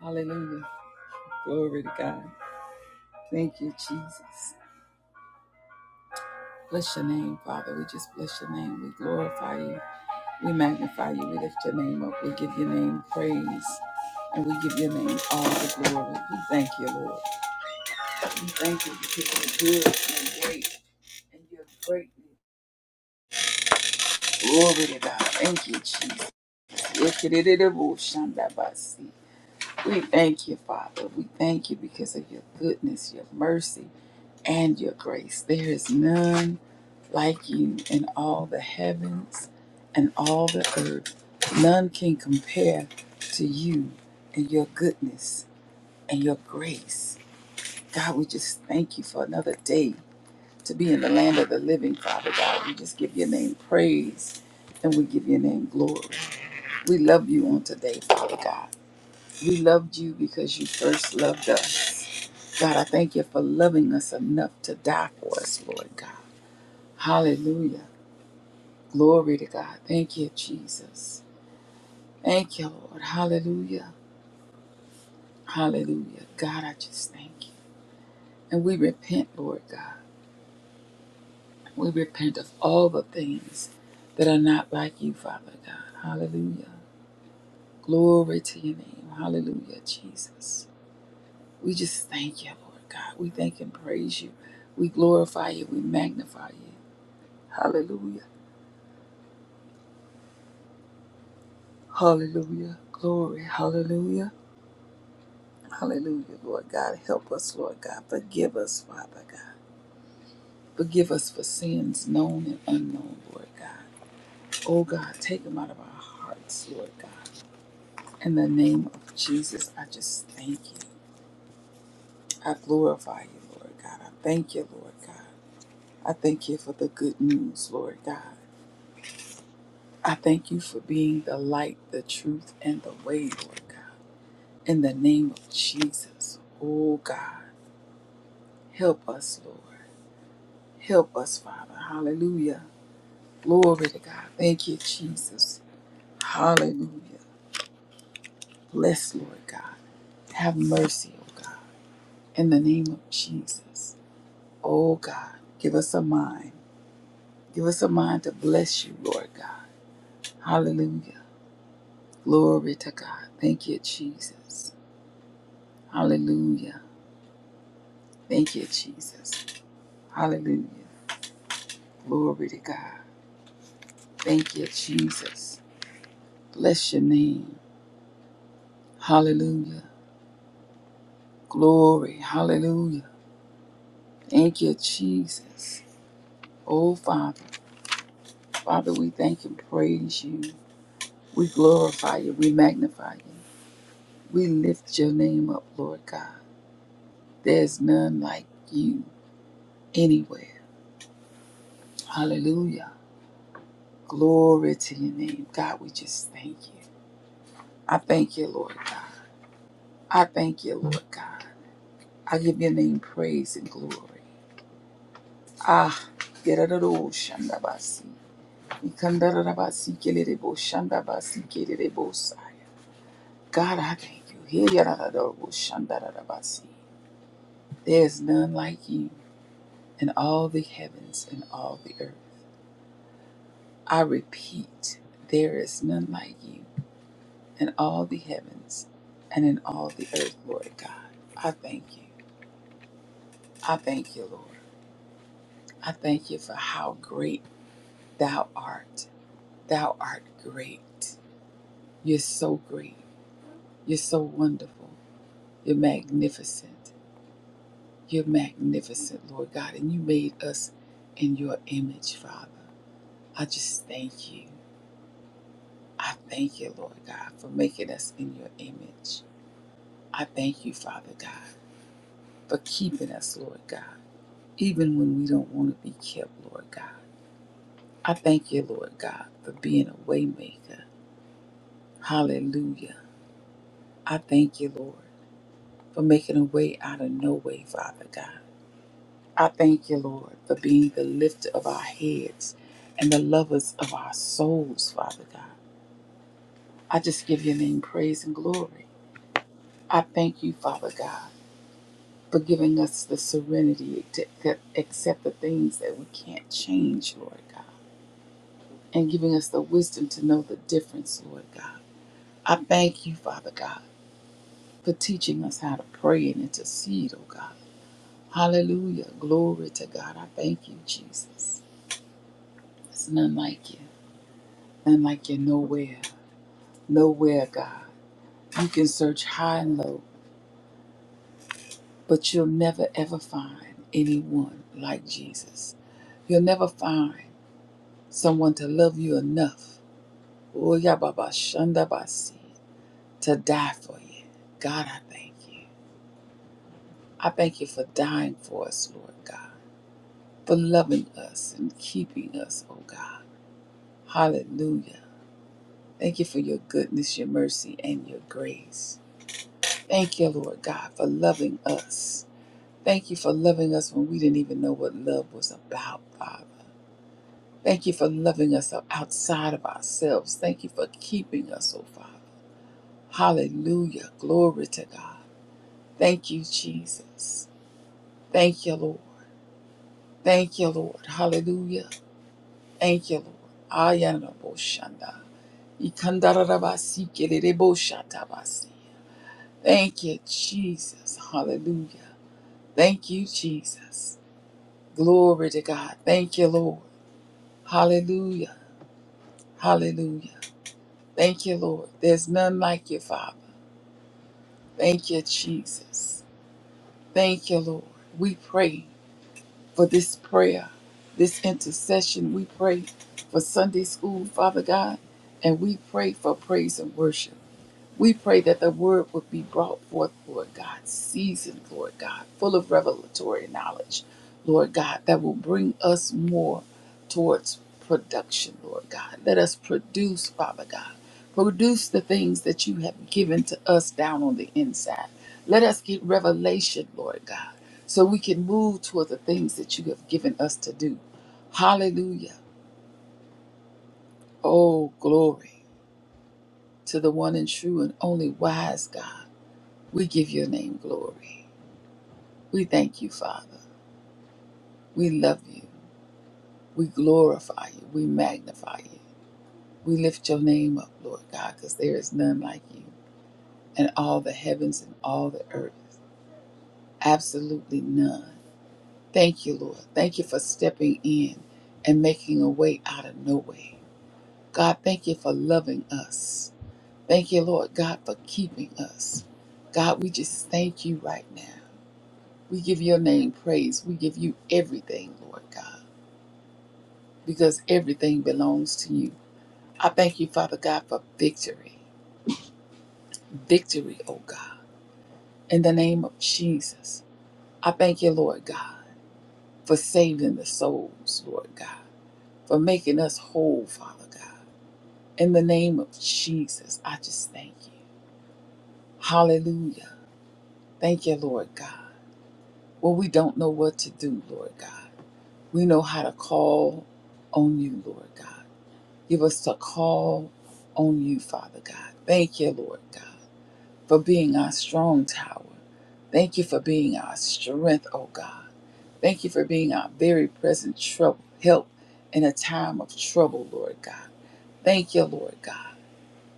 Hallelujah. Glory to God. Thank you, Jesus. Bless your name, Father. We just bless your name. We glorify you. We magnify you. We lift your name up. We give your name praise. And we give your name all the glory. We thank you, Lord. We thank you because you're good and great. And you're greatly. Glory to God. Thank you, Jesus. We thank you, Father. We thank you because of your goodness, your mercy, and your grace. There is none like you in all the heavens and all the earth. None can compare to you and your goodness and your grace. God, we just thank you for another day to be in the land of the living, Father God. We just give your name praise and we give your name glory. We love you on today, Father God. We loved you because you first loved us. God, I thank you for loving us enough to die for us, Lord God. Hallelujah. Glory to God. Thank you, Jesus. Thank you, Lord. Hallelujah. Hallelujah. God, I just thank you. And we repent, Lord God. We repent of all the things that are not like you, Father God. Hallelujah. Glory to your name. Hallelujah, Jesus. We just thank you, Lord God. We thank and praise you. We glorify you. We magnify you. Hallelujah. Hallelujah. Glory. Hallelujah. Hallelujah, Lord God. Help us, Lord God. Forgive us, Father God. Forgive us for sins known and unknown, Lord God. Oh God, take them out of our hearts, Lord God. In the name of Jesus, I just thank you. I glorify you, Lord God. I thank you, Lord God. I thank you for the good news, Lord God. I thank you for being the light, the truth, and the way, Lord God. In the name of Jesus, oh God, help us, Lord. Help us, Father. Hallelujah. Glory to God. Thank you, Jesus. Hallelujah. Bless, Lord God. Have mercy, oh God. In the name of Jesus, oh God, give us a mind. Give us a mind to bless you, Lord God. Hallelujah. Glory to God. Thank you, Jesus. Hallelujah. Thank you, Jesus. Hallelujah. Glory to God. Thank you, Jesus. Bless your name. Hallelujah. Glory. Hallelujah. Thank you, Jesus. Oh, Father. Father, we thank and praise you. We glorify you. We magnify you. We lift your name up, Lord God. There's none like you anywhere. Hallelujah. Glory to your name. God, we just thank you. I thank you, Lord God. I thank you, Lord God. I give your name praise and glory. Ah, gerararo shandabasi. Ikandarabasi kelerebo shandabasi kelerebo saya. God, I thank you. Here yarararo shandarabasi. There is none like you in all the heavens and all the earth. I repeat, there is none like you in all the heavens and in all the earth, Lord God. I thank you. I thank you, Lord. I thank you for how great thou art. Thou art great. You're so great. You're so wonderful. You're magnificent. You're magnificent, Lord God. And you made us in your image, Father. I just thank you. I thank you, Lord God, for making us in your image. I thank you, Father God, for keeping us, Lord God, even when we don't want to be kept, Lord God. I thank you, Lord God, for being a waymaker. Hallelujah. I thank you, Lord, for making a way out of no way, Father God. I thank you, Lord, for being the lifter of our heads and the lovers of our souls, Father God. I just give your name praise and glory. I thank you, Father God, for giving us the serenity to ac- accept the things that we can't change, Lord God, and giving us the wisdom to know the difference, Lord God. I thank you, Father God, for teaching us how to pray and intercede, oh God. Hallelujah. Glory to God. I thank you, Jesus. There's none like you, none like you nowhere. Nowhere, God. You can search high and low, but you'll never ever find anyone like Jesus. You'll never find someone to love you enough. Oh, yeah, Baba Shanda Basi, To die for you. God, I thank you. I thank you for dying for us, Lord God, for loving us and keeping us, oh God. Hallelujah. Thank you for your goodness, your mercy, and your grace. Thank you, Lord God, for loving us Thank you for loving us when we didn't even know what love was about, Father. Thank you for loving us outside of ourselves. Thank you for keeping us, oh Father. Hallelujah. Glory to God. Thank you, Jesus. Thank you, Lord. Thank you, Lord. Hallelujah. Thank you, Lord. Ayana boshanda. Ikandarabasi kererebo shatabasi. Thank you, Jesus. Hallelujah. Thank you, Jesus. Glory to God. Thank you, Lord. Hallelujah. Hallelujah. Thank you, Lord. There's none like you, Father. Thank you, Jesus. Thank you, Lord. We pray for this prayer, this intercession. We pray for Sunday school, Father God, and we pray for praise and worship. We pray that the word would be brought forth, Lord God, seasoned, Lord God, full of revelatory knowledge, Lord God, that will bring us more towards production, Lord God. Let us produce, Father God. Produce the things that you have given to us down on the inside. Let us get revelation, Lord God, so we can move toward the things that you have given us to do. Hallelujah. Oh, glory to the one and true and only wise God We give your name glory. We thank you, Father. We love you. We glorify you. We magnify you. We lift your name up, Lord God, because there is none like you in all the heavens and all the earth. Absolutely none. Thank you, Lord. Thank you for stepping in and making a way out of no way. God, thank you for loving us. Thank you, Lord God, for keeping us. God, we just thank you right now. We give your name praise. We give you everything, Lord God. because everything belongs to you. I thank you, Father God, for victory. Victory, oh God, in the name of Jesus. I thank you, Lord God, for saving the souls, Lord God, for making us whole, Father God. In the name of Jesus, I just thank you. Hallelujah. Thank you, Lord God. Well, we don't know what to do, Lord God. We know how to call on you, Lord God. Give us to call on you, Father God. Thank you, Lord God, for being our strong tower. Thank you for being our strength, oh God. Thank you for being our very present trouble, help in a time of trouble, Lord God. Thank you, Lord God.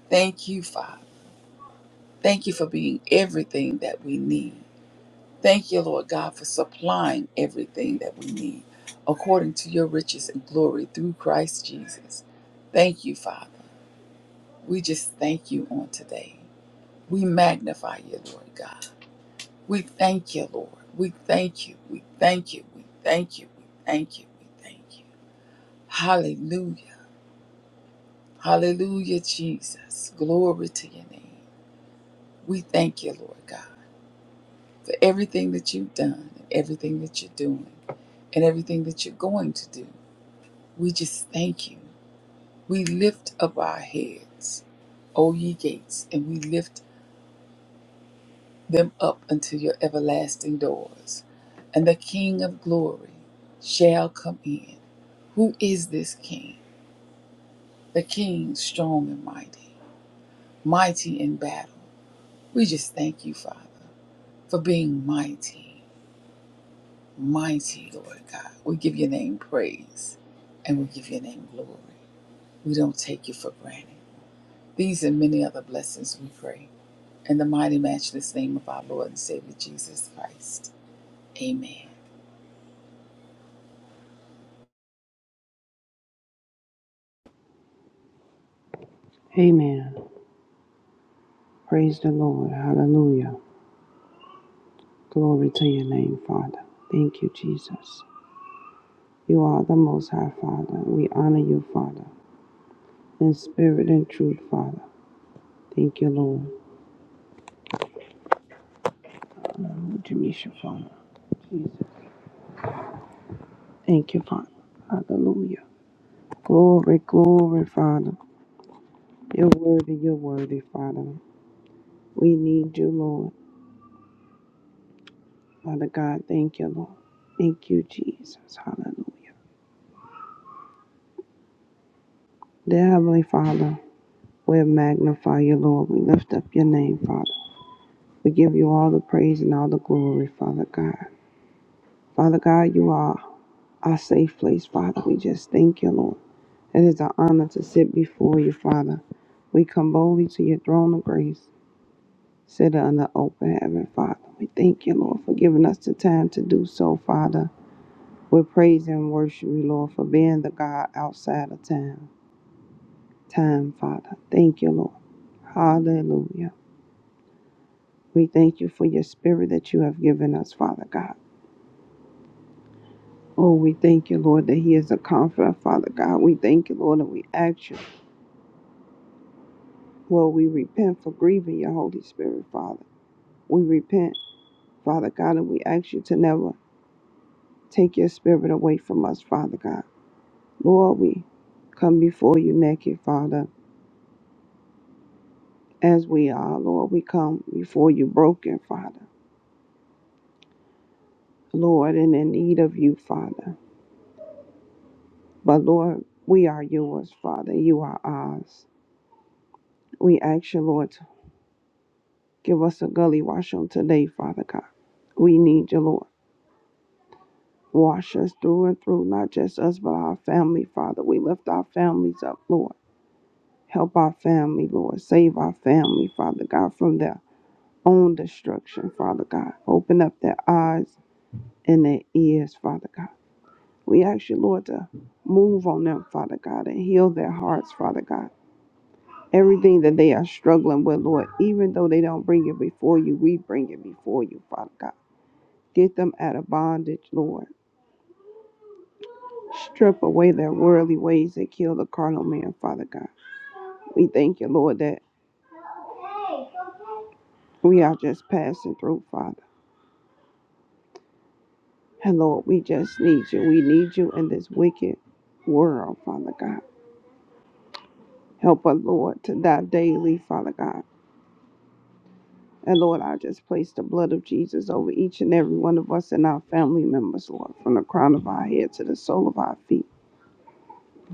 Thank you, Father. Thank you for being everything that we need. Thank you, Lord God, for supplying everything that we need according to your riches and glory through Christ Jesus. Thank you, Father. We just thank you on today. We magnify you, Lord God. We thank you, Lord. We thank you. We thank you. We thank you. We thank you. We thank you. Hallelujah. Hallelujah, Jesus. Glory to your name. We thank you, Lord God, for everything that you've done and everything that you're doing and everything that you're going to do. We just thank you. We lift up our heads, O ye gates, and we lift them up unto your everlasting doors. And the King of glory shall come in. Who is this king? The king strong and mighty, mighty in battle. We just thank you, Father, for being mighty, mighty, Lord God. We give your name praise and we give your name glory. We don't take you for granted. These and many other blessings we pray. In the mighty, matchless name of our Lord and Savior Jesus Christ. Amen. Amen. Praise the Lord. Hallelujah. Glory to your name, Father. Thank you, Jesus. You are the Most High, Father. We honor you, Father, in spirit and truth, Father. Thank you, Lord. Jamisha, Father. Jesus. Thank you, Father. Hallelujah. Glory, glory, Father. You're worthy, you're worthy, Father. We need you, Lord. Father God, thank you, Lord. Thank you, Jesus. Hallelujah. Dear Heavenly Father, we magnify you, Lord. We lift up your name, Father. We give you all the praise and all the glory, Father God. Father God, you are our safe place, Father. We just thank you, Lord. It is an honor to sit before you, Father. We come boldly to your throne of grace, sit under open heaven, Father. We thank you, Lord, for giving us the time to do so, Father. We praise and worship you, Lord, for being the God outside of time. Time, Father. Thank you, Lord. Hallelujah. We thank you for your spirit that you have given us, Father God. Oh, we thank you, Lord, that He is a comforter, Father God. We thank you, Lord, and we ask you, well, we repent for grieving your Holy Spirit, Father. We repent, Father God, and we ask you to never take your spirit away from us, Father God. Lord, we come before you naked, Father, as we are. Lord, we come before you broken, Father. Lord, and in need of you, Father. But Lord, we are yours, Father. You are ours. We ask you, Lord, to give us a gully wash on today, Father God. We need you, Lord. Wash us through and through, not just us, but our family, Father. We lift our families up, Lord. Help our family, Lord. Save our family, Father God, from their own destruction, Father God. Open up their eyes and their ears, Father God. We ask you, Lord, to move on them, Father God, and heal their hearts, Father God. Everything that they are struggling with, Lord, even though they don't bring it before you, we bring it before you, Father God. Get them out of bondage, Lord. Strip away their worldly ways that kill the carnal man, Father God. We thank you, Lord, that we are just passing through, Father. And Lord, we just need you. We need you in this wicked world, Father God. Help us, Lord, to die daily, Father God. And Lord, I just place the blood of Jesus over each and every one of us and our family members, Lord, from the crown of our head to the sole of our feet.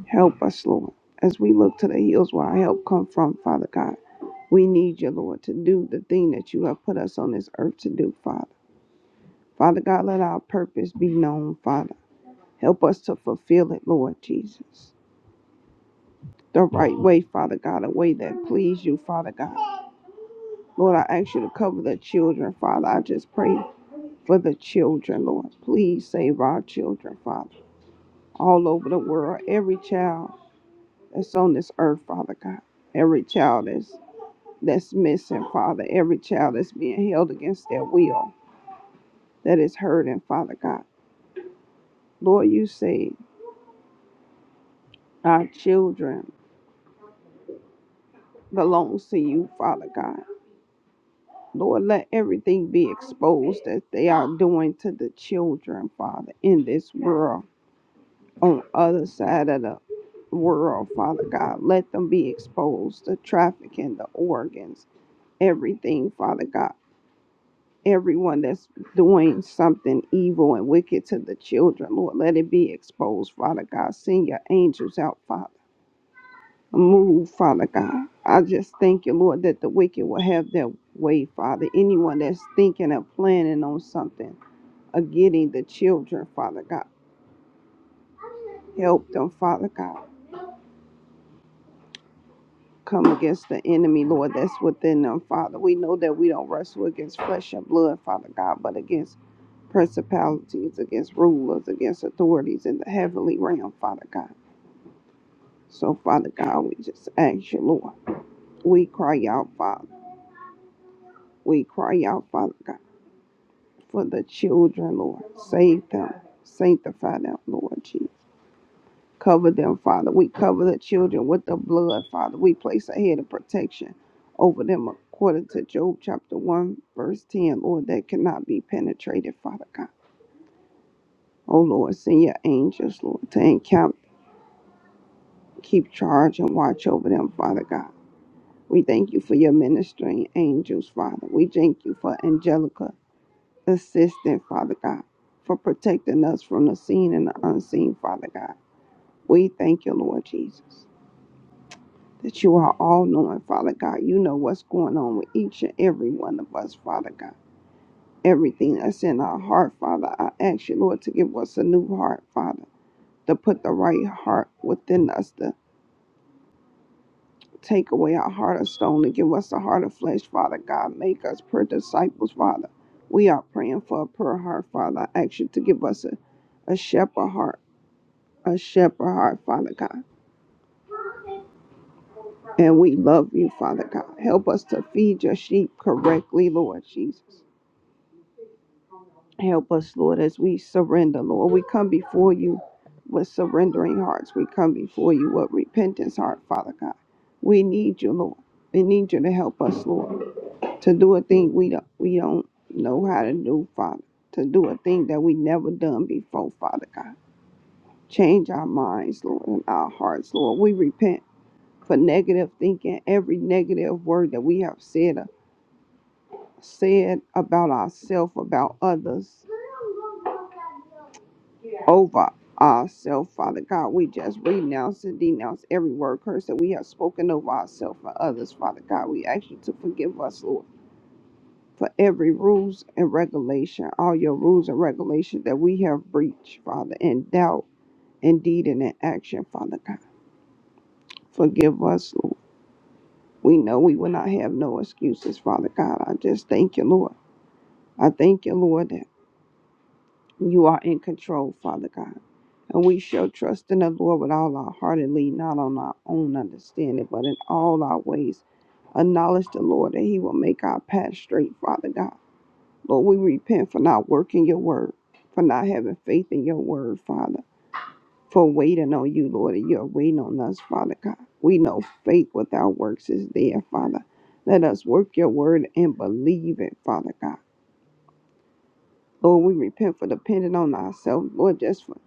Help us, Lord, as we look to the hills where our help come from, Father God. We need you, Lord, to do the thing that you have put us on this earth to do, Father. Father God, let our purpose be known, Father. Help us to fulfill it, Lord Jesus. The right way, Father God, a way that please you, Father God. Lord, I ask you to cover the children, Father. I just pray for the children, Lord. Please save our children, Father. All over the world, every child that's on this earth, Father God. Every child that's that's missing, Father, every child that's being held against their will, that is hurting, Father God. Lord, you say our children belongs to you, Father God. Lord, let everything be exposed that they are doing to the children, Father, in this world, on other side of the world, Father God. Let them be exposed, the trafficking, the organs, everything, Father God. everyone that's doing something evil and wicked to the children, Lord. Let it be exposed, Father God. Send your angels out, Father. Move, Father God. I just thank you, Lord, that the wicked will have their way, Father. Anyone that's thinking of planning on something, of getting the children, Father God, help them, Father God. Come against the enemy, Lord, that's within them, Father. We know that we don't wrestle against flesh and blood, Father God, but against principalities, against rulers, against authorities in the heavenly realm, Father God. So, Father God, we just ask you, Lord. We cry out, Father. We cry out, Father God, for the children, Lord. Save them. Sanctify them, Lord Jesus. Cover them, Father. We cover the children with the blood, Father. We place a head of protection over them according to Job chapter 1, verse 10, Lord, that cannot be penetrated, Father God. Oh Lord, send your angels, Lord, to encamp keep charge and watch over them, Father God. We thank you for your ministering angels, Father. We thank you for Angelica assistant, Father God, for protecting us from the seen and the unseen, Father God. We thank you, Lord Jesus, that you are all knowing, Father God. You know what's going on with each and every one of us, Father God. Everything that's in our heart, Father, I ask you, Lord, to give us a new heart, Father, to put the right heart within us, to. Take away our heart of stone and give us a heart of flesh, Father God. Make us per disciples, Father. We are praying for a pure heart, Father. I ask you to give us a, a shepherd heart, a shepherd heart, Father God. And we love you, Father God. Help us to feed your sheep correctly, Lord Jesus. Help us, Lord, as we surrender, Lord. We come before you with surrendering hearts. We come before you with repentance heart, Father God. We need you, Lord. We need you to help us, Lord. to do a thing we don't we don't know how to do, Father. To do a thing that we never done before, Father God. Change our minds, Lord, and our hearts, Lord. We repent for negative thinking, every negative word that we have said uh, said about ourselves, about others, over ourselves, Father God. We just renounce and denounce every word curse that we have spoken over ourselves and others, Father God. We ask you to forgive us, Lord. for every rules and regulation, all your rules and regulations that we have breached, Father, in doubt, in deed, and in action, Father God. Forgive us, Lord. We know we will not have no excuses, Father God. I just thank you, Lord. I thank you, Lord, that you are in control, Father God. And we shall trust in the Lord with all our heart and lean not on our own understanding, but in all our ways. Acknowledge the Lord that He will make our path straight, Father God. Lord, we repent for not working your word, for not having faith in your word, Father, for waiting on you, Lord, and you're waiting on us, Father God. We know faith without works is dead, Father. Let us work your word and believe it, Father God. Lord, we repent for depending on ourselves, Lord, just for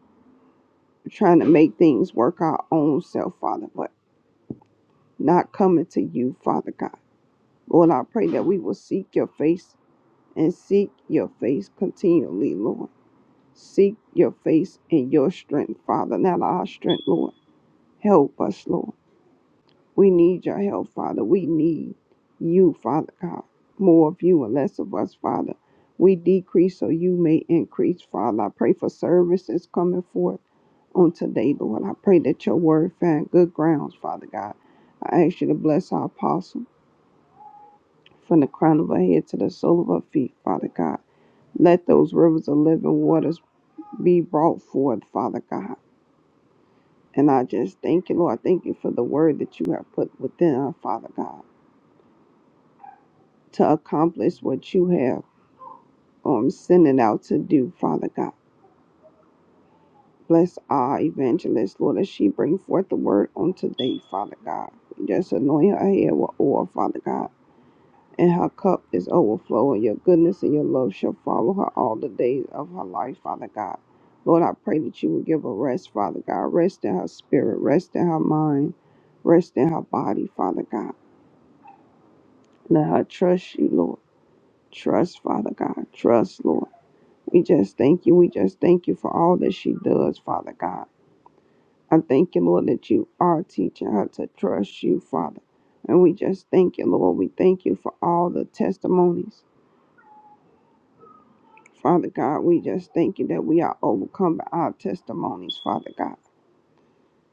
trying to make things work our own self, Father, but not coming to you, Father God. Lord, I pray that we will seek your face and seek your face continually, Lord. Seek your face and your strength, Father, not our strength, Lord. Help us, Lord. We need your help, Father. We need you, Father God. More of you and less of us, Father. We decrease so you may increase, Father. I pray for services coming forth on today, Lord. I pray that your word find good grounds, Father God. I ask you to bless our apostle from the crown of her head to the sole of her feet, Father God. Let those rivers of living waters be brought forth, Father God. And I just thank you, Lord. Thank you for the word that you have put within her, Father God, to accomplish what you have um, sent it out to do, Father God. Bless our evangelist, Lord, as she bring forth the word on today, Father God. Just anoint her head with oil, Father God. And her cup is overflowing. Your goodness and your love shall follow her all the days of her life, Father God. Lord, I pray that you will give her rest, Father God. Rest in her spirit, rest in her mind, rest in her body, Father God. Let her trust you, Lord. Trust, Father God. Trust, Lord. We just thank you. We just thank you for all that she does, Father God. I thank you, Lord, that you are teaching her to trust you, Father. And we just thank you, Lord. We thank you for all the testimonies. Father God, we just thank you that we are overcome by our testimonies, Father God.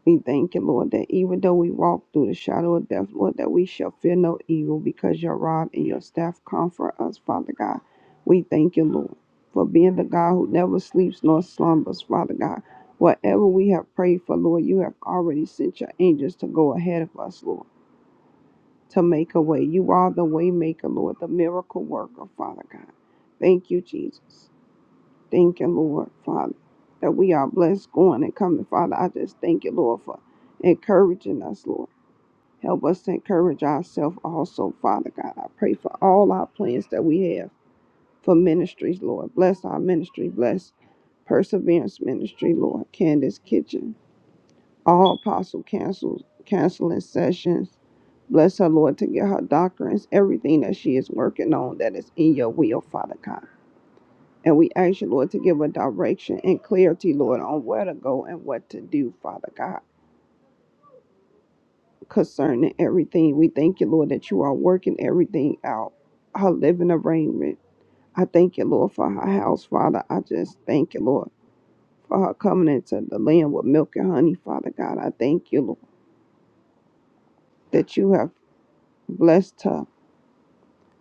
We thank you, Lord, that even though we walk through the shadow of death, Lord, that we shall fear no evil because your rod and your staff comfort us, Father God. We thank you, Lord, for being the God who never sleeps nor slumbers, Father God. Whatever we have prayed for, Lord, you have already sent your angels to go ahead of us, Lord, to make a way. You are the way maker, Lord, the miracle worker, Father God. Thank you, Jesus. Thank you, Lord, Father, that we are blessed going and coming, Father. I just thank you, Lord, for encouraging us, Lord. Help us to encourage ourselves also, Father God. I pray for all our plans that we have for ministries, Lord. Bless our ministry. Bless Perseverance Ministry, Lord. Candace Kitchen. All apostle cancels, canceling sessions. Bless her, Lord, to get her doctrines, everything that she is working on that is in your will, Father God. And we ask you, Lord, to give a direction and clarity, Lord, on where to go and what to do, Father God, concerning everything. We thank you, Lord, that you are working everything out, her living arrangement, I thank you, Lord, for her house, Father. I just thank you, Lord, for her coming into the land with milk and honey, Father God. I thank you, Lord, that you have blessed her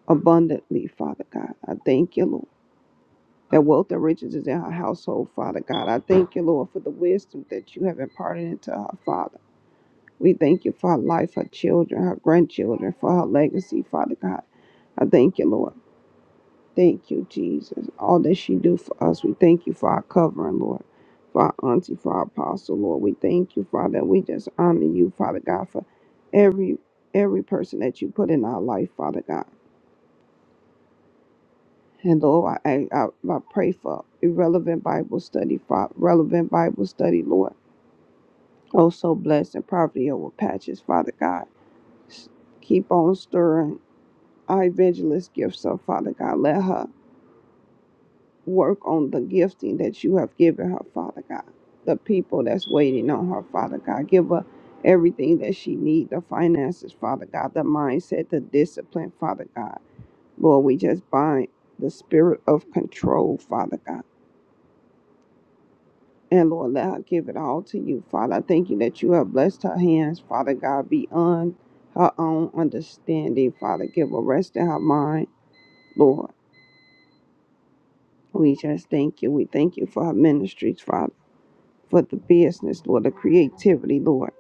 abundantly, Father God. I thank you, Lord. That wealth and riches is in her household, Father God. I thank you, Lord, for the wisdom that you have imparted into her, Father. We thank you for her life, her children, her grandchildren, for her legacy, Father God. I thank you, Lord. Thank you, Jesus. All that she do for us, we thank you for our covering, Lord. For our auntie, for our apostle, Lord. We thank you, Father. We just honor you, Father God, for every every person that you put in our life, Father God. And Lord, I, I, I pray for irrelevant Bible study, Father, relevant Bible study, Lord. Oh, so blessed and poverty over patches, Father God. S- Keep on stirring our evangelist gifts, So, Father God, let her work on the gifting that you have given her, Father God. The people that's waiting on her, Father God. Give her everything that she needs the finances, Father God, the mindset, the discipline, Father God. Lord, we just bind the spirit of control, Father God. And Lord, let her give it all to you, Father. I thank you that you have blessed her hands, Father God, beyond her own understanding, Father. Give her rest in her mind, Lord. We just thank you. We thank you for our ministries, Father, for the business, Lord, the creativity, Lord,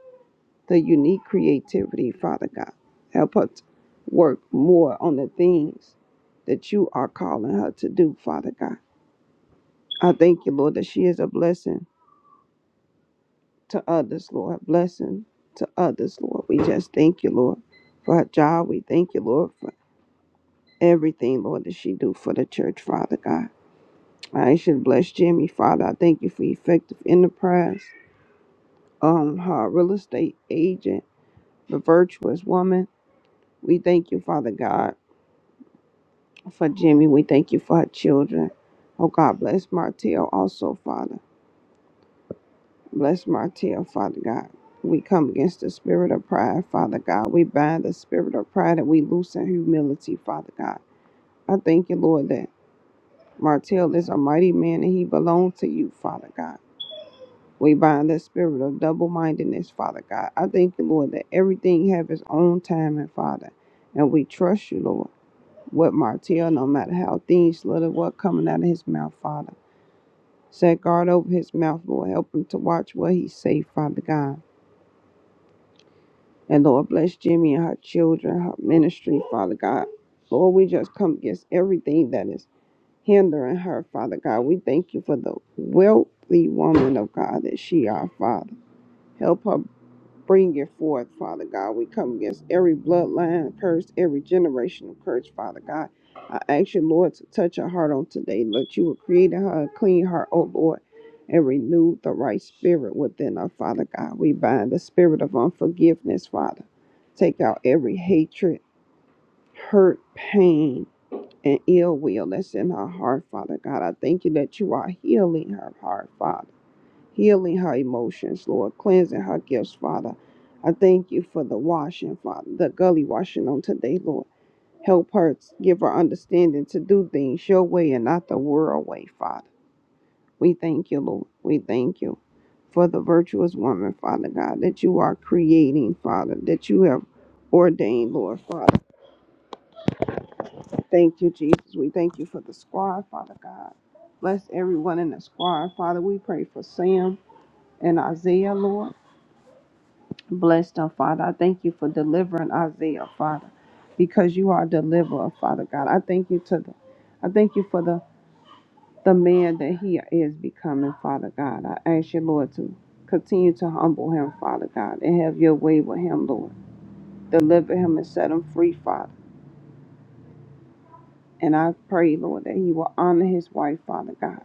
the unique creativity, Father God. Help her to work more on the things that you are calling her to do, Father God. I thank you, Lord, that she is a blessing to others, Lord, a blessing to others, Lord. We just thank you, Lord, for her job. We thank you, Lord, for everything, Lord, that she do for the church, Father God. I should bless Jimmy, Father. I thank you for effective enterprise. um her real estate agent, the virtuous woman. We thank you, Father God, for Jimmy. We thank you for her children. Oh God, bless Martell also, Father. Bless Martell, Father God. We come against the spirit of pride, Father God. We bind the spirit of pride and we loosen humility, Father God. I thank you, Lord, that Martell is a mighty man and he belongs to you, Father God. We bind the spirit of double mindedness, Father God. I thank you, Lord, that everything have its own time and Father. And we trust you, Lord, with Martell, no matter how thin, slit or what coming out of his mouth, Father. Set guard over his mouth, Lord. Help him to watch what he say, Father God. And Lord, bless Jimmy and her children, her ministry, Father God. Lord, we just come against everything that is hindering her, Father God. We thank you for the wealthy woman of God that she are, Father. Help her Bring it forth, Father God. We come against every bloodline curse, every generational curse, Father God. I ask you, Lord, to touch her heart on today. Lord, you will create her a clean heart, oh Lord, and renew the right spirit within her, Father God. We bind the spirit of unforgiveness, Father. Take out every hatred, hurt, pain, and ill will that's in her heart, Father God. I thank you that you are healing her heart, Father healing her emotions, Lord, cleansing her gifts, Father. I thank you for the washing, Father, the gully washing on today, Lord. Help her, give her understanding to do things your way and not the world way, Father. We thank you, Lord. We thank you for the virtuous woman, Father God, that you are creating, Father, that you have ordained, Lord, Father. Thank you, Jesus. We thank you for the squad, Father God. Bless everyone in the squad, Father. We pray for Sam and Isaiah, Lord. Bless them, Father. I thank you for delivering Isaiah, Father, because you are a deliverer, Father God. I thank you to the, I thank you for the the man that he is becoming, Father God. I ask you, Lord, to continue to humble him, Father God, and have your way with him, Lord. Deliver him and set him free, Father. And I pray, Lord, that he will honor his wife, Father God.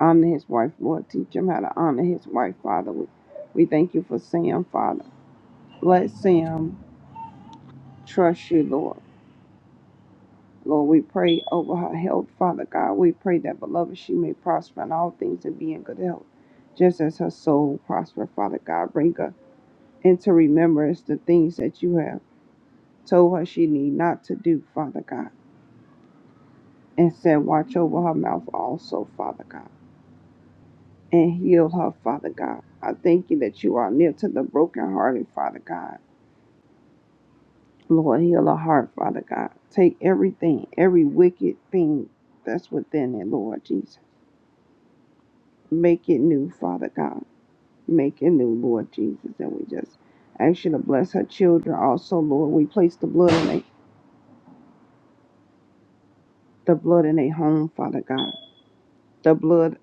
Honor his wife, Lord. Teach him how to honor his wife, Father. We, we thank you for Sam, Father. Let Sam trust you, Lord. Lord, we pray over her health, Father God. We pray that, beloved, she may prosper in all things and be in good health, just as her soul prosper, Father God. Bring her into remembrance the things that you have told her she need not to do, Father God. And said, watch over her mouth also, Father God, and heal her, Father God. I thank you that you are near to the brokenhearted, Father God. Lord, heal her heart, Father God. Take everything, every wicked thing that's within it, Lord Jesus. Make it new, Father God. Make it new, Lord Jesus. And we just ask you to bless her children also, Lord. We place the blood in a the blood in a home, Father God. The blood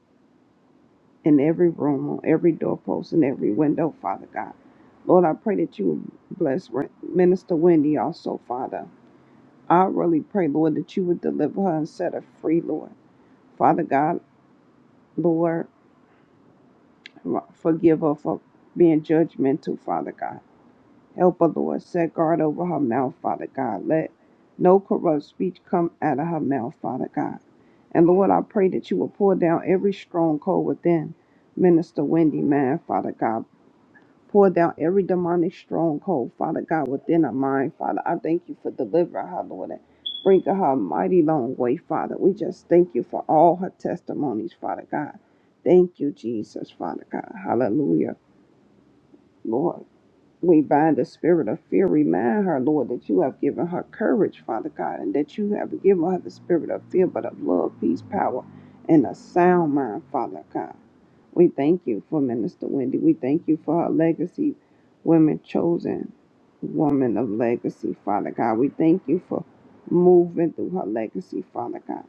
in every room, on every doorpost, and every window, Father God. Lord, I pray that you would bless Re- Minister Wendy also, Father. I really pray, Lord, that you would deliver her and set her free, Lord. Father God, Lord, forgive her for being judgmental, Father God. Help her, Lord. Set guard over her mouth, Father God. Let no corrupt speech come out of her mouth, Father God. And Lord, I pray that you will pour down every stronghold within Minister Wendy, man, Father God. Pour down every demonic stronghold, Father God, within her mind, Father. I thank you for delivering her, Lord, and bringing her a mighty long way, Father. We just thank you for all her testimonies, Father God. Thank you, Jesus, Father God. Hallelujah, Lord. We bind the spirit of fear. Remind her, Lord, that you have given her courage, Father God, and that you have given her the spirit of fear, but of love, peace, power, and a sound mind, Father God. We thank you for Minister Wendy. We thank you for her legacy, women chosen, woman of legacy, Father God. We thank you for moving through her legacy, Father God.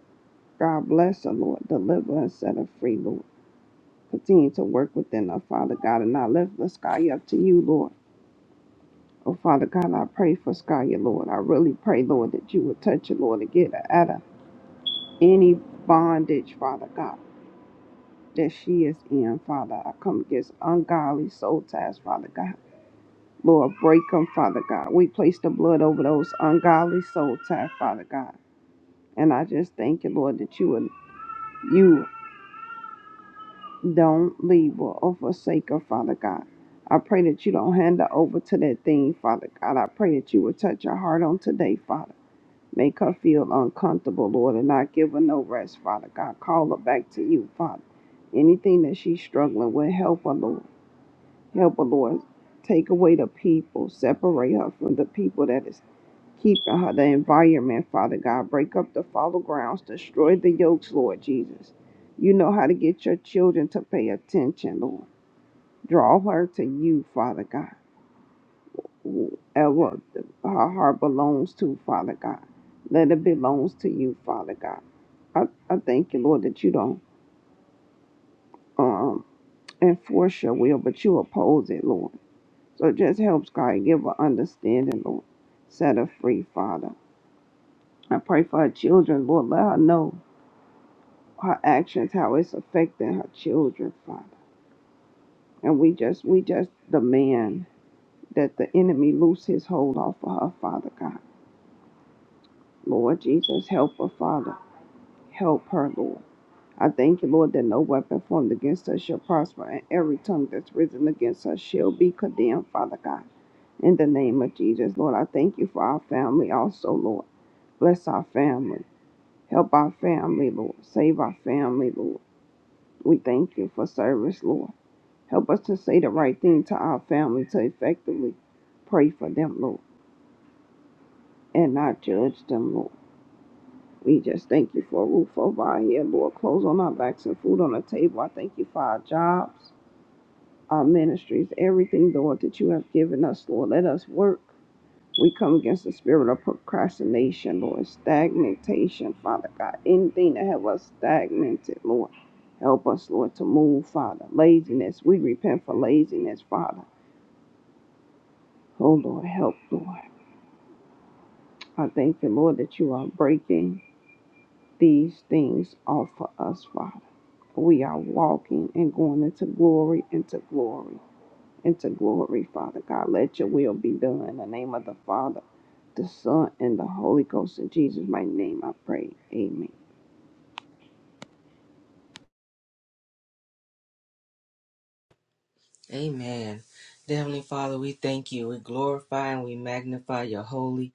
God bless her, Lord. Deliver and set her free, Lord. Continue to work within her, Father God, and I lift the sky up to you, Lord. Oh, Father God, I pray for Skylar, Lord. I really pray, Lord, that you would touch her, Lord, to get her out of any bondage, Father God, that she is in, Father. I come against ungodly soul ties, Father God. Lord, break them, Father God. We place the blood over those ungodly soul ties, Father God. And I just thank you, Lord, that you would, you don't leave her or forsake her, Father God. I pray that you don't hand her over to that thing, Father God. I pray that you would touch her heart on today, Father. Make her feel uncomfortable, Lord, and not give her no rest, Father God. Call her back to you, Father. Anything that she's struggling with, help her, Lord. Help her, Lord. Take away the people. Separate her from the people that is keeping her, the environment, Father God. Break up the fallow grounds. Destroy the yokes, Lord Jesus. You know how to get your children to pay attention, Lord. Draw her to you, Father God. Whoever the- her heart belongs to, Father God. Let it belongs to you, Father God. I, I thank you, Lord, that you don't um, enforce your will, but you oppose it, Lord. So just help God give her understanding, Lord. Set her free, Father. I pray for her children, Lord. Let her know her actions, how it's affecting her children, Father. And we just we just demand that the enemy loose his hold off of her, Father God. Lord Jesus, help her, Father. Help her, Lord. I thank you, Lord, that no weapon formed against us shall prosper, and every tongue that's risen against us shall be condemned, Father God. In the name of Jesus, Lord, I thank you for our family also, Lord. Bless our family. Help our family, Lord. Save our family, Lord. We thank you for service, Lord. Help us to say the right thing to our family to effectively pray for them, Lord, and not judge them, Lord. We just thank you for a roof over our head, Lord, clothes on our backs and food on the table. I thank you for our jobs. our ministries, everything, Lord, that you have given us, Lord. Let us work. We come against the spirit of procrastination, Lord, stagnation, Father God. Anything that have us stagnated, Lord. Help us, Lord, to move, Father. Laziness. We repent for laziness, Father. Oh, Lord, help, Lord. I thank you, Lord, that you are breaking these things off for us, Father. We are walking and going into glory, into glory. into glory, Father God. Let your will be done in the name of the Father, the Son, and the Holy Ghost. In Jesus' mighty name I pray. Amen. Amen. Dear Heavenly Father, we thank you. We glorify and we magnify your holy,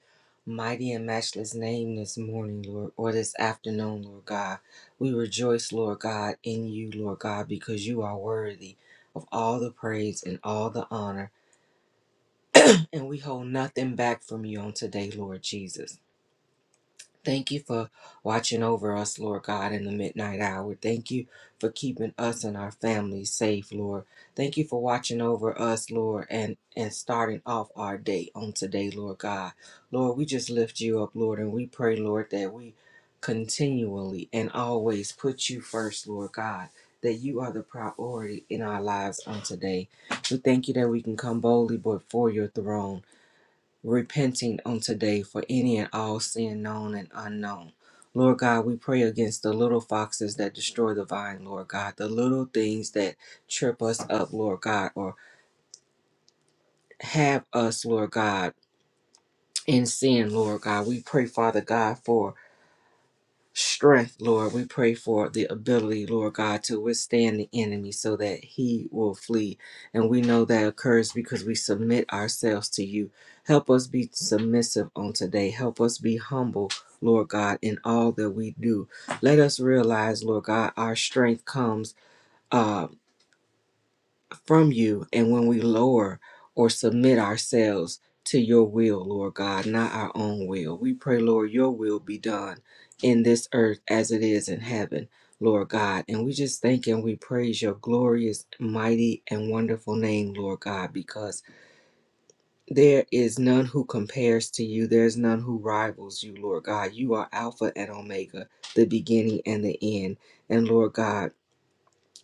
mighty, and matchless name this morning, Lord, or this afternoon, Lord God. We rejoice, Lord God, in you, Lord God, because you are worthy of all the praise and all the honor. And we hold nothing back from you on today, Lord Jesus. Thank you for watching over us, Lord God, in the midnight hour. Thank you for keeping us and our families safe, Lord. Thank you for watching over us, Lord, and, and starting off our day on today, Lord God. Lord, we just lift you up, Lord, and we pray, Lord, that we continually and always put you first, Lord God, that you are the priority in our lives on today. We thank you that we can come boldly before your throne repenting on today for any and all sin known and unknown. Lord God, we pray against the little foxes that destroy the vine, Lord God, the little things that trip us up, Lord God, or have us, Lord God, in sin, Lord God. We pray, Father God, for strength, Lord. We pray for the ability, Lord God, to withstand the enemy so that he will flee. And we know that occurs because we submit ourselves to you. Help us be submissive on today. Help us be humble, Lord God, in all that we do. Let us realize, Lord God, our strength comes. uh from you. And when we lower or submit ourselves to your will, Lord God, not our own will, we pray, Lord, your will be done in this earth as it is in heaven, Lord God. And we just thank and we praise your glorious, mighty, and wonderful name, Lord God, because there is none who compares to you. There's none who rivals you, Lord God. You are Alpha and Omega, the beginning and the end. And Lord God,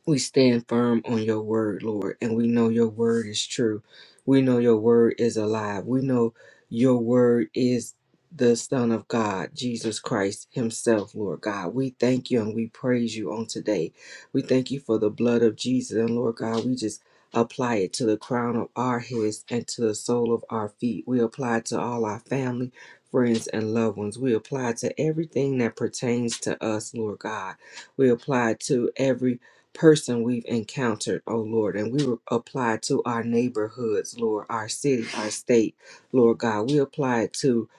we stand firm on your word, Lord, and we know your word is true. We know your word is alive. We know your word is the Son of God, Jesus Christ Himself, Lord God. We thank you and we praise you on today. We thank you for the blood of Jesus. And Lord God, we just apply it to the crown of our heads and to the sole of our feet. We apply it to all our family, friends, and loved ones. We apply it to everything that pertains to us, Lord God. We apply it to every person we've encountered, oh Lord, and we apply it to our neighborhoods, Lord, our city, our state, Lord God. We apply it to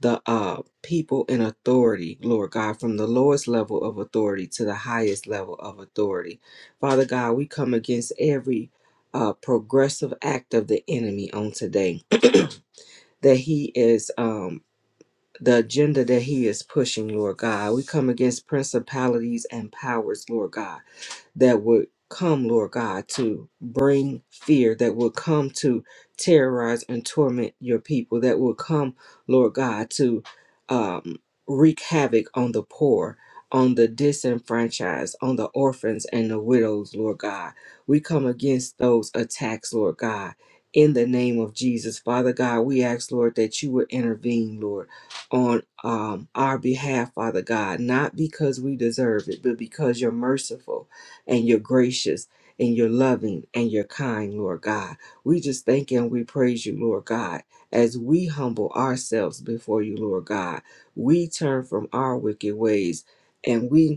the uh, people in authority, Lord God, from the lowest level of authority to the highest level of authority. Father God, we come against every uh, progressive act of the enemy on today that he is um the agenda that he is pushing, Lord God. We come against principalities and powers, Lord God that would come, Lord God, to bring fear, that would come to terrorize and torment your people, that would come, Lord God, to um, wreak havoc on the poor, on the disenfranchised, on the orphans and the widows, Lord God. We come against those attacks, Lord God. In the name of Jesus, Father God, we ask, Lord, that you would intervene, Lord, on um, our behalf, Father God, not because we deserve it, but because you're merciful and you're gracious and you're loving and you're kind, Lord God. We just thank you and we praise you, Lord God, as we humble ourselves before you, Lord God. We turn from our wicked ways and we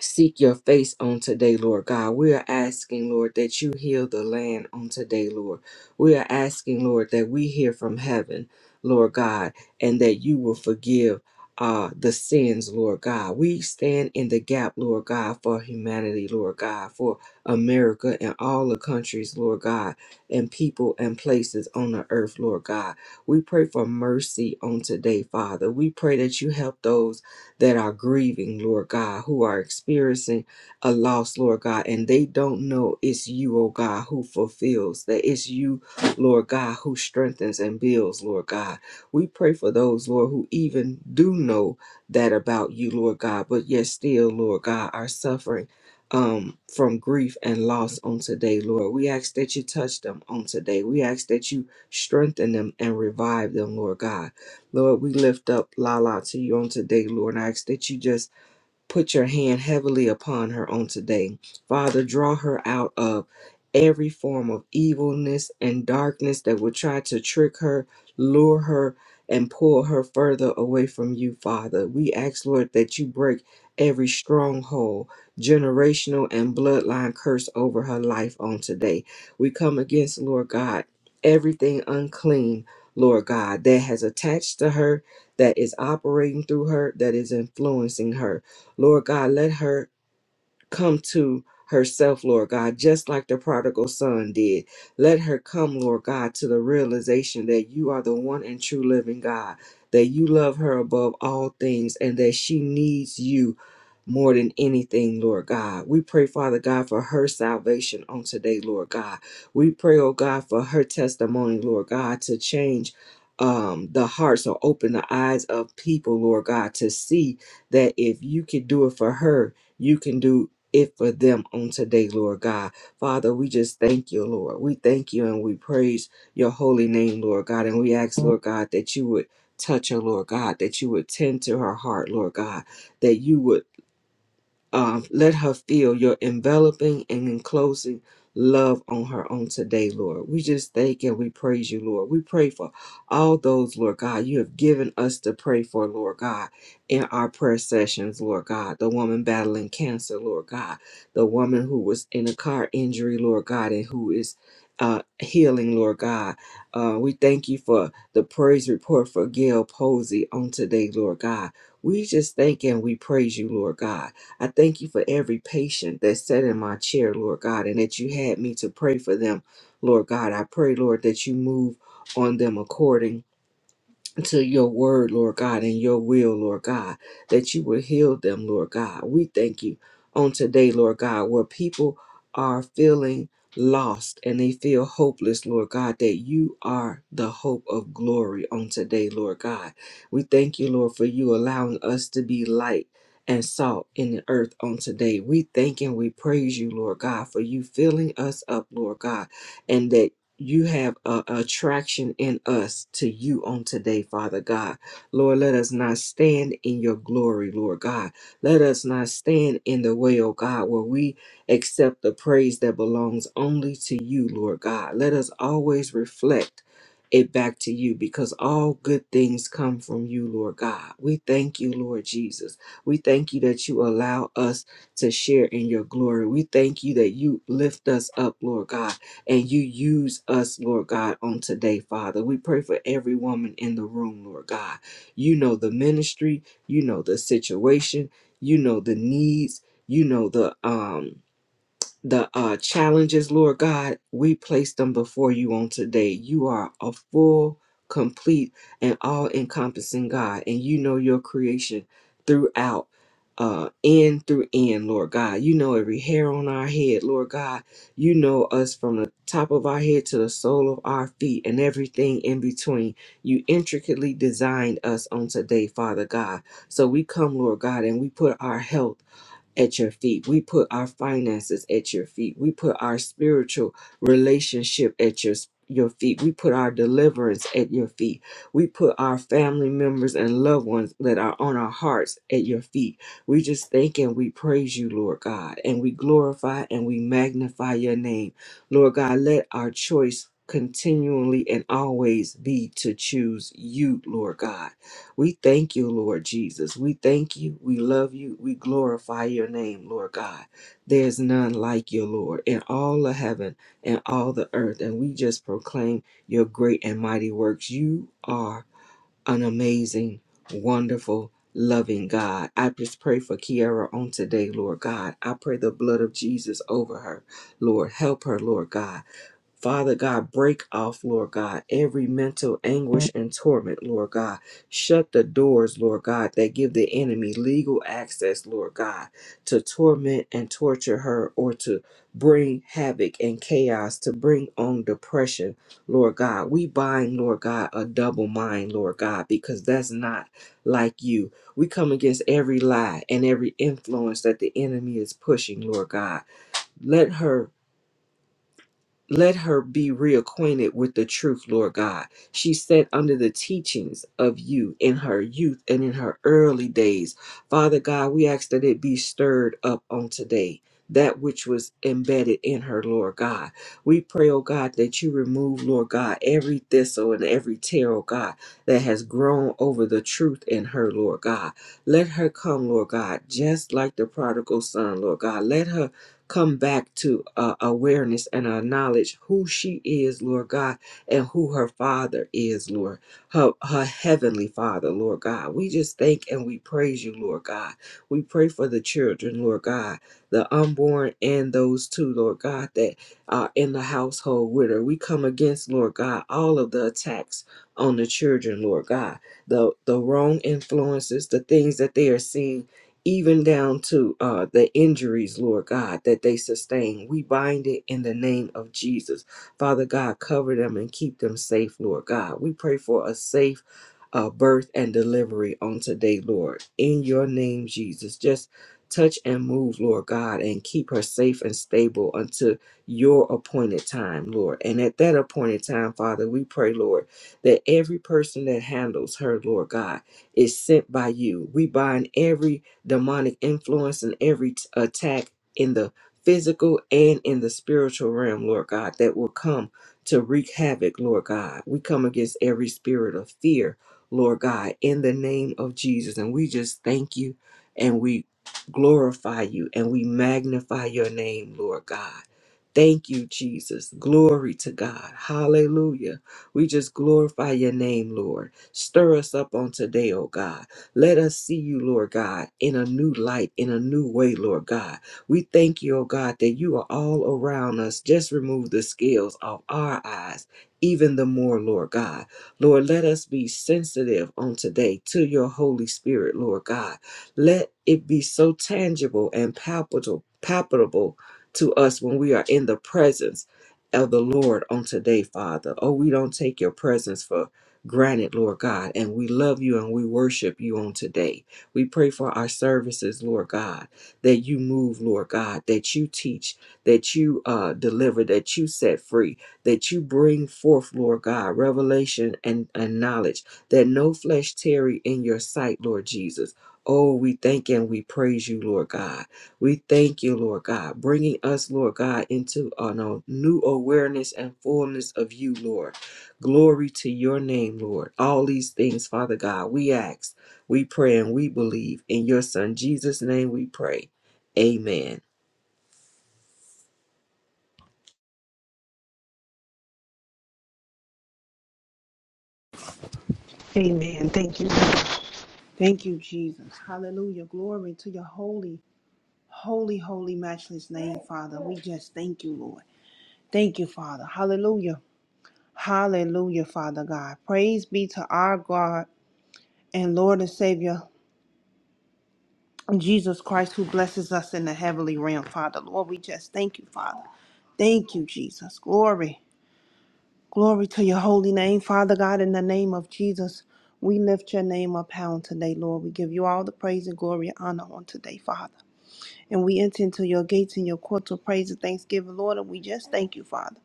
seek your face on today, Lord God. We are asking, Lord, that you heal the land on today, Lord. We are asking, Lord, that we hear from heaven, Lord God, and that you will forgive uh the sins lord god we stand in the gap lord god for humanity lord god for america and all the countries lord god and people and places on the earth lord god we pray for mercy on today father we pray that you help those that are grieving, Lord God, who are experiencing a loss, Lord God, and they don't know it's you, oh God, who fulfills, that it's you, Lord God, who strengthens and builds, Lord God. We pray for those, Lord, who even do know that about you, Lord God, but yet still, Lord God, are suffering um, from grief and loss on today, Lord. We ask that you touch them on today. We ask that you strengthen them and revive them, Lord God. Lord, we lift up Lala to you on today, Lord. I ask that you just put your hand heavily upon her on today. Father, draw her out of every form of evilness and darkness that would try to trick her, lure her, and pull her further away from you, Father. We ask, Lord, that you break every stronghold, generational, and bloodline curse over her life on today. We come against, Lord God, everything unclean. Lord God, that has attached to her, that is operating through her, that is influencing her. Lord God, let her come to herself, Lord God, just like the prodigal son did. Let her come, Lord God, to the realization that you are the one and true living God, that you love her above all things, and that she needs you. More than anything, Lord God. We pray, Father God, for her salvation on today, Lord God. We pray, oh God, for her testimony, Lord God, to change um, the hearts or open the eyes of people, Lord God, to see that if you could do it for her, you can do it for them on today, Lord God. Father, we just thank you, Lord. We thank you and we praise your holy name, Lord God. And we ask, Lord God, that you would touch her, Lord God, that you would tend to her heart, Lord God, that you would um, let her feel your enveloping and enclosing love on her on today, Lord. We just thank and we praise you, Lord. We pray for all those, Lord God, you have given us to pray for, Lord God, in our prayer sessions, Lord God. The woman battling cancer, Lord God. The woman who was in a car injury, Lord God, and who is uh, healing, Lord God. Uh, we thank you for the praise report for Gail Posey on today, Lord God. We just thank and we praise you, Lord God. I thank you for every patient that sat in my chair, Lord God, and that you had me to pray for them, Lord God. I pray, Lord, that you move on them according to your word, Lord God, and your will, Lord God, that you will heal them, Lord God. We thank you on today, Lord God, where people are feeling lost and they feel hopeless, Lord God, that you are the hope of glory on today, Lord God. We thank you, Lord, for you allowing us to be light. And salt in the earth on today. We thank and we praise you, Lord God, for you filling us up, Lord God, and that you have a attraction in us to you on today, Father God. Lord, let us not stand in your glory, Lord God. Let us not stand in the way, oh God, where we accept the praise that belongs only to you, Lord God. Let us always reflect it back to you because all good things come from you, Lord God. We thank you, Lord Jesus. We thank you that you allow us to share in your glory. We thank you that you lift us up, Lord God and you use us, Lord God, on today, Father. We pray for every woman in the room, Lord God. You know the ministry, you know the situation, you know the needs, you know the um the uh, challenges, Lord God, we place them before you on today. You are a full, complete, and all encompassing God, and you know your creation throughout, uh, end through end, Lord God. You know every hair on our head, Lord God. You know us from the top of our head to the sole of our feet and everything in between. You intricately designed us on today, Father God. So we come, Lord God, and we put our health at your feet. We put our finances at your feet. We put our spiritual relationship at your your feet. We put our deliverance at your feet. We put our family members and loved ones that are on our hearts at your feet. We just thank and we praise you, Lord God, and we glorify and we magnify your name. Lord God, let our choice continually and always be to choose you, Lord God. We thank you, Lord Jesus. We thank you. We love you. We glorify your name, Lord God. There's none like you, Lord, in all the heaven and all the earth. And we just proclaim your great and mighty works. You are an amazing, wonderful, loving God. I just pray for Kiara on today, Lord God. I pray the blood of Jesus over her, Lord. Help her, Lord God. Father God, break off, Lord God, every mental anguish and torment, Lord God. Shut the doors, Lord God, that give the enemy legal access, Lord God, to torment and torture her or to bring havoc and chaos, to bring on depression, Lord God. We bind, Lord God, a double mind, Lord God, because that's not like you. We come against every lie and every influence that the enemy is pushing, Lord God. Let her let her be reacquainted with the truth, Lord God. She sat under the teachings of you in her youth and in her early days. Father God, we ask that it be stirred up on today. That which was embedded in her, Lord God. We pray, oh God, that you remove, Lord God, every thistle and every tear, oh God, that has grown over the truth in her, Lord God. Let her come, Lord God, just like the prodigal son, Lord God. Let her come back to uh, awareness and our knowledge who she is, Lord God, and who her father is, Lord, her, her heavenly father, Lord God. We just thank and we praise you, Lord God. We pray for the children, Lord God, the unborn and those two, Lord God, that are in the household with her. We come against, Lord God, all of the attacks on the children, Lord God, the, the wrong influences, the things that they are seeing even down to uh, the injuries, Lord God, that they sustain. We bind it in the name of Jesus. Father God, cover them and keep them safe, Lord God. We pray for a safe uh, birth and delivery on today, Lord. In your name, Jesus, just touch and move, Lord God, and keep her safe and stable until your appointed time, Lord. And at that appointed time, Father, we pray, Lord, that every person that handles her, Lord God, is sent by you. We bind every demonic influence and every t- attack in the physical and in the spiritual realm, Lord God, that will come to wreak havoc, Lord God. We come against every spirit of fear, Lord God, in the name of Jesus. And we just thank you and we glorify you and we magnify your name, Lord God. Thank you, Jesus. Glory to God. Hallelujah. We just glorify your name, Lord. Stir us up on today, oh God. Let us see you, Lord God, in a new light, in a new way, Lord God. We thank you, oh God, that you are all around us. Just remove the scales off our eyes. Even the more, Lord God. Lord, let us be sensitive on today to your Holy Spirit, Lord God. Let it be so tangible and palpable, palpable to us when we are in the presence of the Lord on today, Father. Oh, we don't take your presence for granted, Lord God. And we love you and we worship you on today. We pray for our services, Lord God, that you move, Lord God, that you teach, that you uh, deliver, that you set free, that you bring forth, Lord God, revelation and, and knowledge, that no flesh tarry in your sight, Lord Jesus. Oh, we thank and we praise you, Lord God. We thank you, Lord God, bringing us, Lord God, into uh, no, new awareness and fullness of you, Lord. Glory to your name, Lord. All these things, Father God, we ask, we pray, and we believe. In your Son, Jesus' name, we pray. Amen. Amen. Thank you. Thank you, Jesus. Hallelujah. Glory to your holy, holy, holy, matchless name, Father. We just thank you, Lord. Thank you, Father. Hallelujah. Hallelujah, Father God. Praise be to our God and Lord and Savior, Jesus Christ, who blesses us in the heavenly realm, Father. Lord, we just thank you, Father. Thank you, Jesus. Glory. Glory to your holy name, Father God, in the name of Jesus. We lift your name up high on today, Lord. We give you all the praise and glory and honor on today, Father. And we enter into your gates and your courts of praise and thanksgiving, Lord. And we just thank you, Father.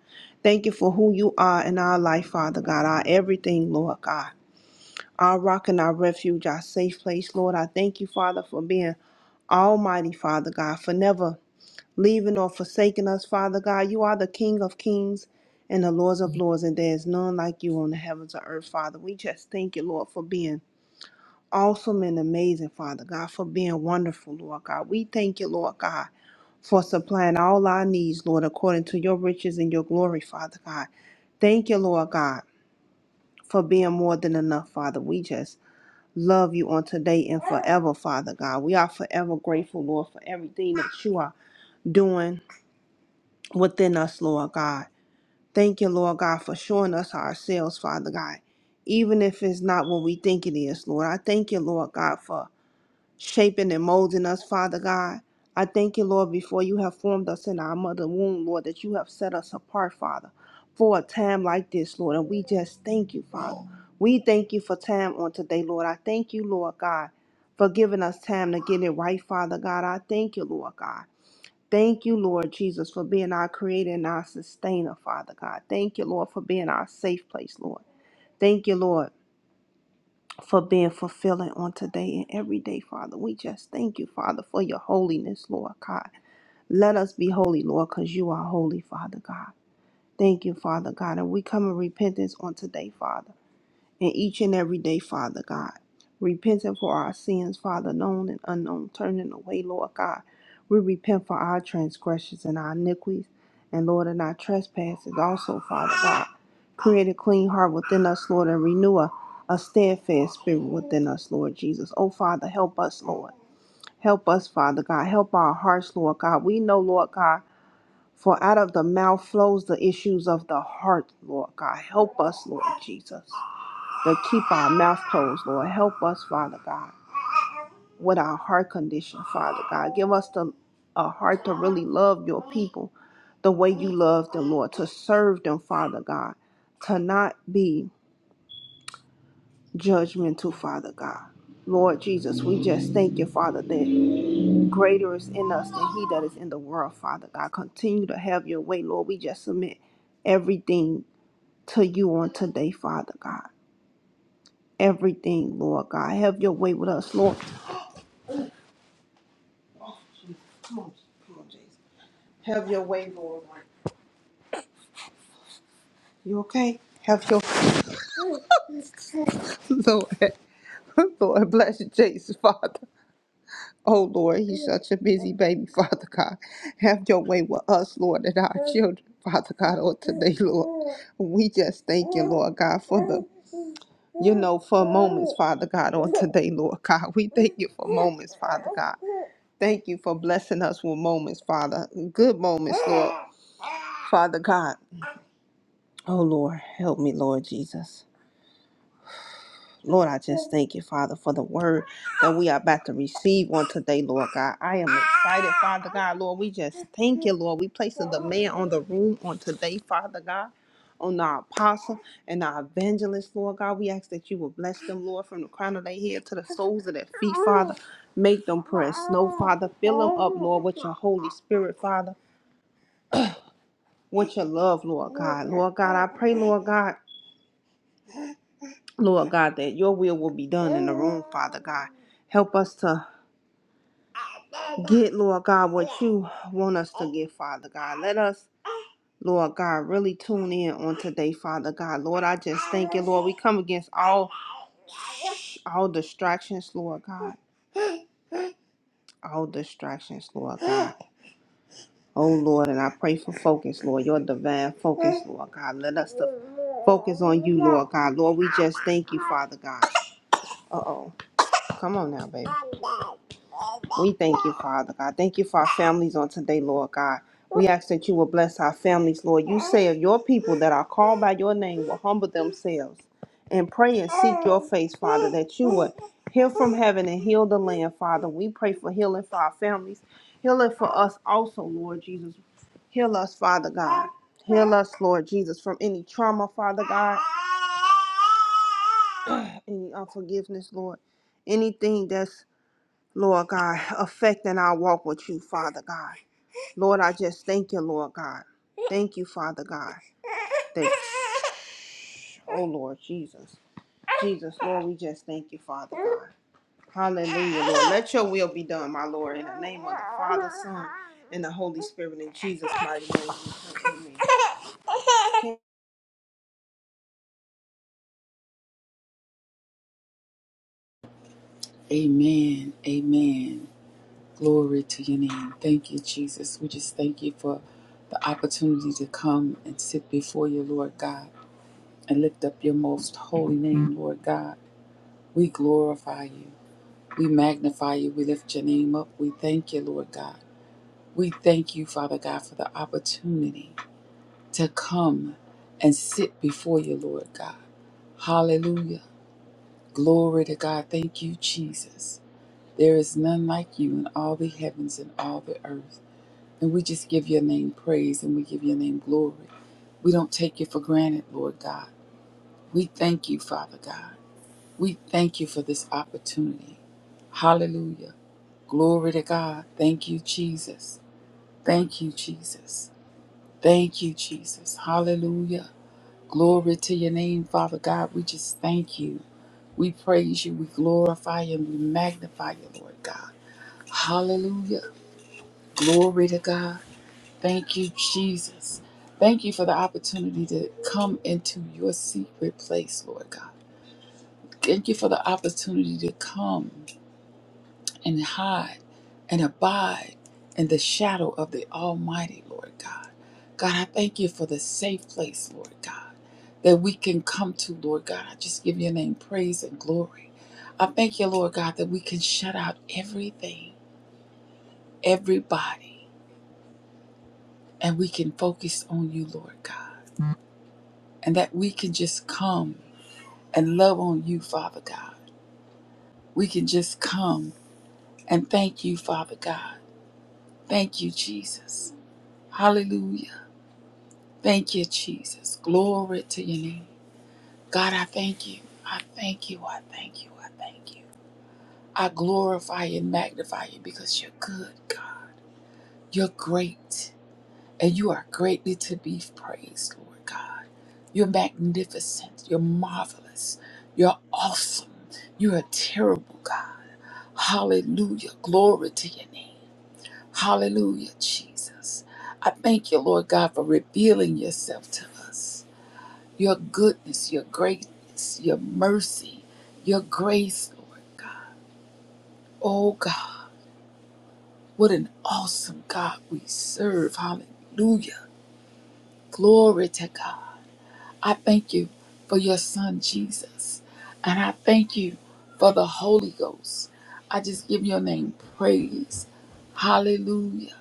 Thank you for who you are in our life, Father God, our everything, Lord God, our rock and our refuge, our safe place, Lord. I thank you, Father, for being almighty, Father God, for never leaving or forsaking us, Father God. You are the King of kings and the Lords of lords, and there is none like you on the heavens or earth, Father. We just thank you, Lord, for being awesome and amazing, Father God, for being wonderful, Lord God. We thank you, Lord God for supplying all our needs, Lord, according to your riches and your glory, Father God. Thank you, Lord God, for being more than enough, Father. We just love you on today and forever, Father God. We are forever grateful, Lord, for everything that you are doing within us, Lord God. Thank you, Lord God, for showing us ourselves, Father God. Even if it's not what we think it is, Lord. I thank you, Lord God, for shaping and molding us, Father God. I thank you, Lord, before you have formed us in our mother womb, Lord, that you have set us apart, Father, for a time like this, Lord. And we just thank you, Father. We thank you for time on today, Lord. I thank you, Lord God, for giving us time to get it right, Father God. I thank you, Lord God. Thank you, Lord Jesus, for being our creator and our sustainer, Father God. Thank you, Lord, for being our safe place, Lord. Thank you, Lord for being fulfilling on today and every day, Father. We just thank you, Father, for your holiness, Lord God. Let us be holy, Lord, because you are holy, Father God. Thank you, Father God. And we come in repentance on today, Father and each and every day, Father God. Repenting for our sins, Father, known and unknown, turning away, Lord God. We repent for our transgressions and our iniquities, and Lord, and our trespasses also, Father God. Create a clean heart within us, Lord, and renew a, a steadfast spirit within us, Lord Jesus. Oh, Father, help us, Lord. Help us, Father God. Help our hearts, Lord God. We know, Lord God, for out of the mouth flows the issues of the heart, Lord God. Help us, Lord Jesus. To keep our mouth closed, Lord. Help us, Father God, with our heart condition, Father God. Give us the a heart to really love your people the way you love them, Lord, to serve them, Father God, to not be judgmental, Father God. Lord Jesus, we just thank you, Father, that greater is in us than he that is in the world, Father God. Continue to have your way, Lord. We just submit everything to you on today, Father God. Everything, Lord God. Have your way with us, Lord. Oh, Jesus. Come on, come on, Jason. Have your way, Lord. You okay? Have your Lord. Lord, bless Jason, Father. Oh Lord, he's such a busy baby, Father God. Have your way with us, Lord, and our children, Father God, on today, Lord. We just thank you, Lord God, for the you know, for moments, Father God, on today, Lord God. We thank you for moments, Father God. Thank you for blessing us with moments, Father. Good moments, Lord. Father God. Oh Lord, help me, Lord Jesus. Lord, I just thank you, Father, for the word that we are about to receive on today, Lord God. I am excited, Father God. Lord, we just thank you, Lord. We place the demand on the room on today, Father God, on our apostle and our evangelist, Lord God. We ask that you will bless them, Lord, from the crown of their head to the soles of their feet, Father. Make them press. No, Father, fill them up, Lord, with your Holy Spirit, Father, with your love, Lord God. Lord God, I pray, Lord God. Lord God, that your will will be done in the room, Father God. Help us to get, Lord God, what you want us to get, Father God. Let us, Lord God, really tune in on today, Father God. Lord, I just thank you, Lord. We come against all all distractions, Lord God. All distractions, Lord God. Oh Lord, and I pray for focus, Lord. Your divine focus, Lord God. Let us to focus on you, Lord God. Lord, we just thank you, Father God. Uh oh. Come on now, baby. We thank you, Father God. Thank you for our families on today, Lord God. We ask that you will bless our families, Lord. You say of your people that are called by your name will humble themselves and pray and seek your face, Father, that you would heal from heaven and heal the land, Father. We pray for healing for our families, healing for us also, Lord Jesus. Heal us, Father God. Heal us, Lord Jesus, from any trauma, Father God, any unforgiveness, Lord anything that's, Lord God, affecting our walk with you, Father God. Lord, I just thank you, Lord God. Thank you, Father God. Thank Oh, Lord Jesus. Jesus, Lord, we just thank you, Father God. Hallelujah, Lord. Let your will be done, my Lord, in the name of the Father, Son, and the Holy Spirit, in Jesus' mighty name. we pray. Amen. Amen. Amen. Glory to your name. Thank you, Jesus. We just thank you for the opportunity to come and sit before you, Lord God, and lift up your most holy name, Lord God. We glorify you. We magnify you. We lift your name up. We thank you, Lord God. We thank you, Father God, for the opportunity to come and sit before you, Lord God. Hallelujah. Glory to God. Thank you, Jesus. There is none like you in all the heavens and all the earth. And we just give your name praise and we give your name glory. We don't take you for granted, Lord God. We thank you, Father God. We thank you for this opportunity. Hallelujah. Glory to God. Thank you, Jesus. Thank you, Jesus. Thank you, Jesus. Hallelujah. Glory to your name, Father God. We just thank you. We praise you. We glorify you and we magnify you, Lord God. Hallelujah. Glory to God. Thank you, Jesus. Thank you for the opportunity to come into your secret place, Lord God. Thank you for the opportunity to come and hide and abide in the shadow of the Almighty, Lord God. God, I thank you for the safe place, Lord God, that we can come to, Lord God. I just give your name praise and glory. I thank you, Lord God, that we can shut out everything, everybody, and we can focus on you, Lord God, and that we can just come and love on you, Father God. We can just come and thank you, Father God. Thank you, Jesus. Hallelujah. Thank you, Jesus. Glory to your name. God, I thank you. I thank you. I thank you. I thank you. I glorify and magnify you because you're good, God. You're great. And you are greatly to be praised, Lord God. You're magnificent. You're marvelous. You're awesome. You're a terrible God. Hallelujah. Glory to your name. Hallelujah, Jesus. I thank you, Lord God, for revealing yourself to us. Your goodness, your greatness, your mercy, your grace, Lord God. Oh God, what an awesome God we serve. Hallelujah. Glory to God. I thank you for your son Jesus. And I thank you for the Holy Ghost. I just give your name praise. Hallelujah.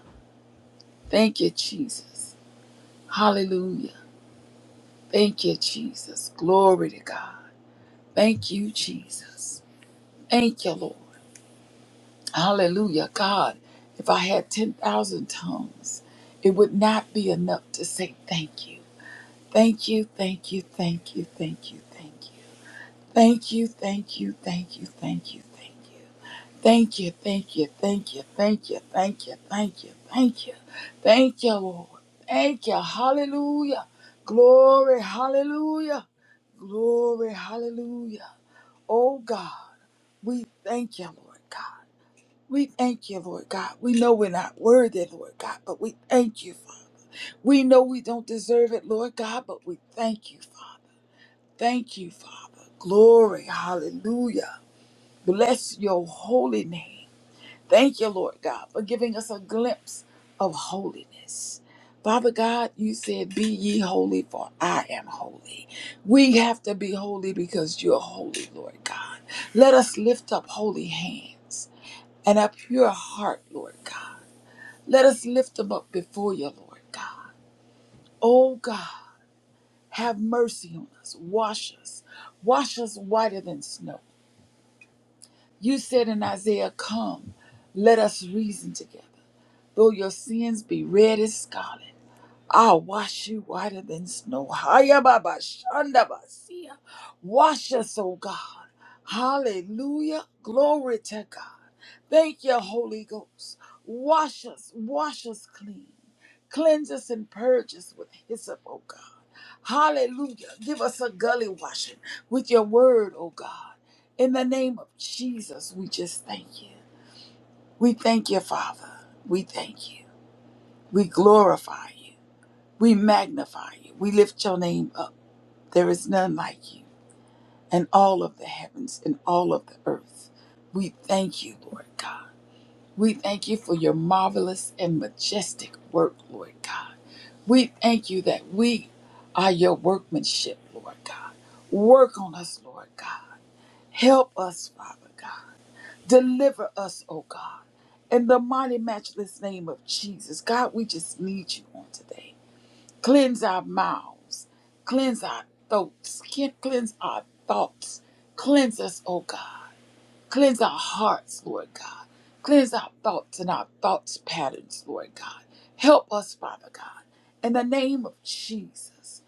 Thank you, Jesus. Hallelujah. Thank you, Jesus. Glory to God. Thank you, Jesus. Thank you, Lord. Hallelujah. God, if I had 10,000 tongues, it would not be enough to say thank you. Thank you, thank you, thank you, thank you, thank you. Thank you, thank you, thank you, thank you, thank you. Thank you, thank you, thank you, thank you, thank you, thank you, thank you, thank you, Lord. Thank you, hallelujah. Glory, hallelujah. Glory, hallelujah. Oh God, we thank you, Lord God. We thank you, Lord God. We know we're not worthy, Lord God, but we thank you, Father. We know we don't deserve it, Lord God, but we thank you, Father. Thank you, Father. Glory, hallelujah. Bless your holy name. Thank you, Lord God, for giving us a glimpse of holiness. Father God, you said, Be ye holy, for I am holy. We have to be holy because you're holy, Lord God. Let us lift up holy hands and a pure heart, Lord God. Let us lift them up before you, Lord God. Oh God, have mercy on us. Wash us. Wash us whiter than snow. You said in Isaiah, Come, let us reason together. Though your sins be red as scarlet, I'll wash you whiter than snow. Haya baba shanda basia. Wash us, O God. Hallelujah. Glory to God. Thank you, Holy Ghost. Wash us, wash us clean. Cleanse us and purge us with hyssop, O God. Hallelujah. Give us a gully washing with your word, O God. In the name of Jesus, we just thank you. We thank you, Father. We thank you. We glorify you. We magnify you. We lift your name up. There is none like you in all of the heavens and all of the earth. We thank you, Lord God. We thank you for your marvelous and majestic work, Lord God. We thank you that we are your workmanship, Lord God. Work on us, Lord God. Help us, Father God. Deliver us, O God. In the mighty, matchless name of Jesus, God, we just need you on today. Cleanse our mouths. Cleanse our throats. Cleanse our thoughts. Cleanse us, oh God. Cleanse our hearts, Lord God. Cleanse our thoughts and our thoughts patterns, Lord God. Help us, Father God. In the name of Jesus.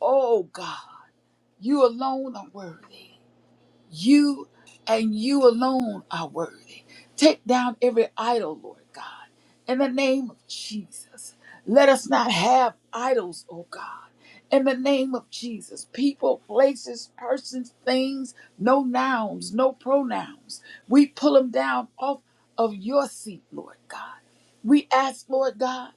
Oh God, you alone are worthy. You and you alone are worthy. Take down every idol, Lord God, in the name of Jesus. Let us not have idols, oh God. In the name of Jesus, people, places, persons, things, no nouns, no pronouns. We pull them down off of your seat, Lord God. We ask, Lord God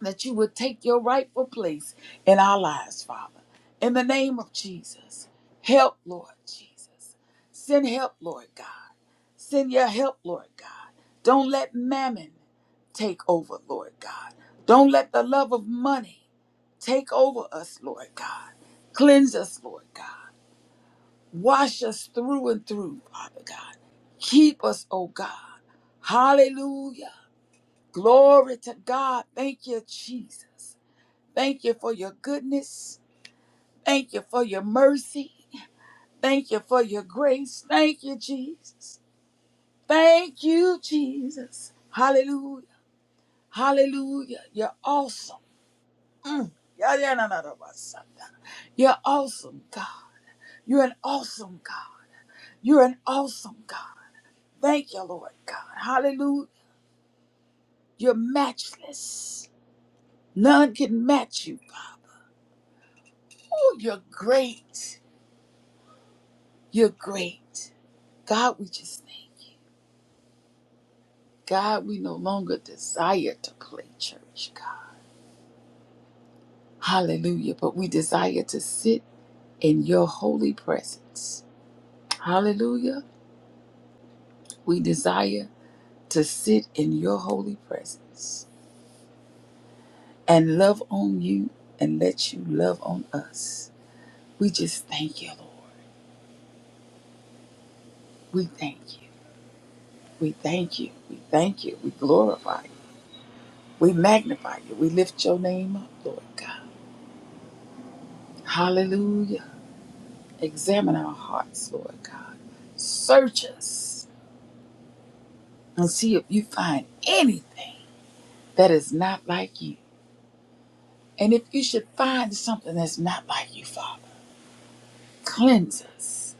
that you would take your rightful place in our lives, Father. In the name of Jesus, help, Lord Jesus. Send help, Lord God. Send your help, Lord God. Don't let mammon take over, Lord God. Don't let the love of money take over us, Lord God. Cleanse us, Lord God. Wash us through and through, Father God. Keep us, oh God. Hallelujah. Glory to God. Thank you, Jesus. Thank you for your goodness. Thank you for your mercy. Thank you for your grace. Thank you, Jesus. Thank you, Jesus. Hallelujah. Hallelujah. You're awesome. Mm. Yeah, yeah, no, no, no, my son. You're awesome, God. You're an awesome God. You're an awesome God. Thank you, Lord God. Hallelujah. You're matchless. None can match you, Father. Oh, you're great. You're great. God, we just thank you. God, we no longer desire to play church, God. Hallelujah. But we desire to sit in your holy presence. Hallelujah. We desire to sit in your holy presence and love on you and let you love on us. We just thank you, Lord. We thank you. We thank you. We thank you. We glorify you. We magnify you. We lift your name up, Lord God. Hallelujah. Examine our hearts, Lord God. Search us. and see if you find anything that is not like you. And if you should find something that's not like you, Father, cleanse us,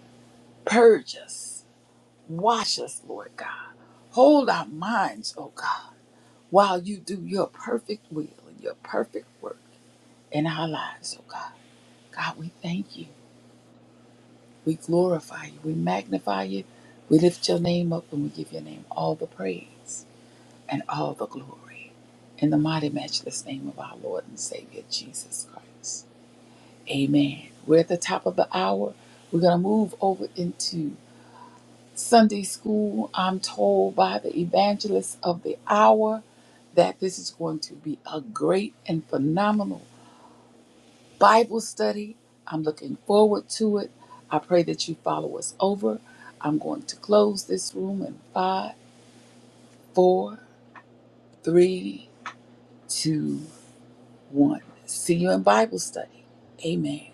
purge us, wash us, Lord God. Hold our minds, oh God, while you do your perfect will and your perfect work in our lives, oh God. God, we thank you. We glorify you. We magnify you. We lift your name up and we give your name all the praise. and all the glory. In the mighty, matchless name of our Lord and Savior Jesus Christ. Amen. We're at the top of the hour. We're going to move over into Sunday school. I'm told by the evangelist of the hour that this is going to be a great and phenomenal Bible study. I'm looking forward to it. I pray that you follow us over. I'm going to close this room in five, four, three, two. one. See you in Bible study. Amen.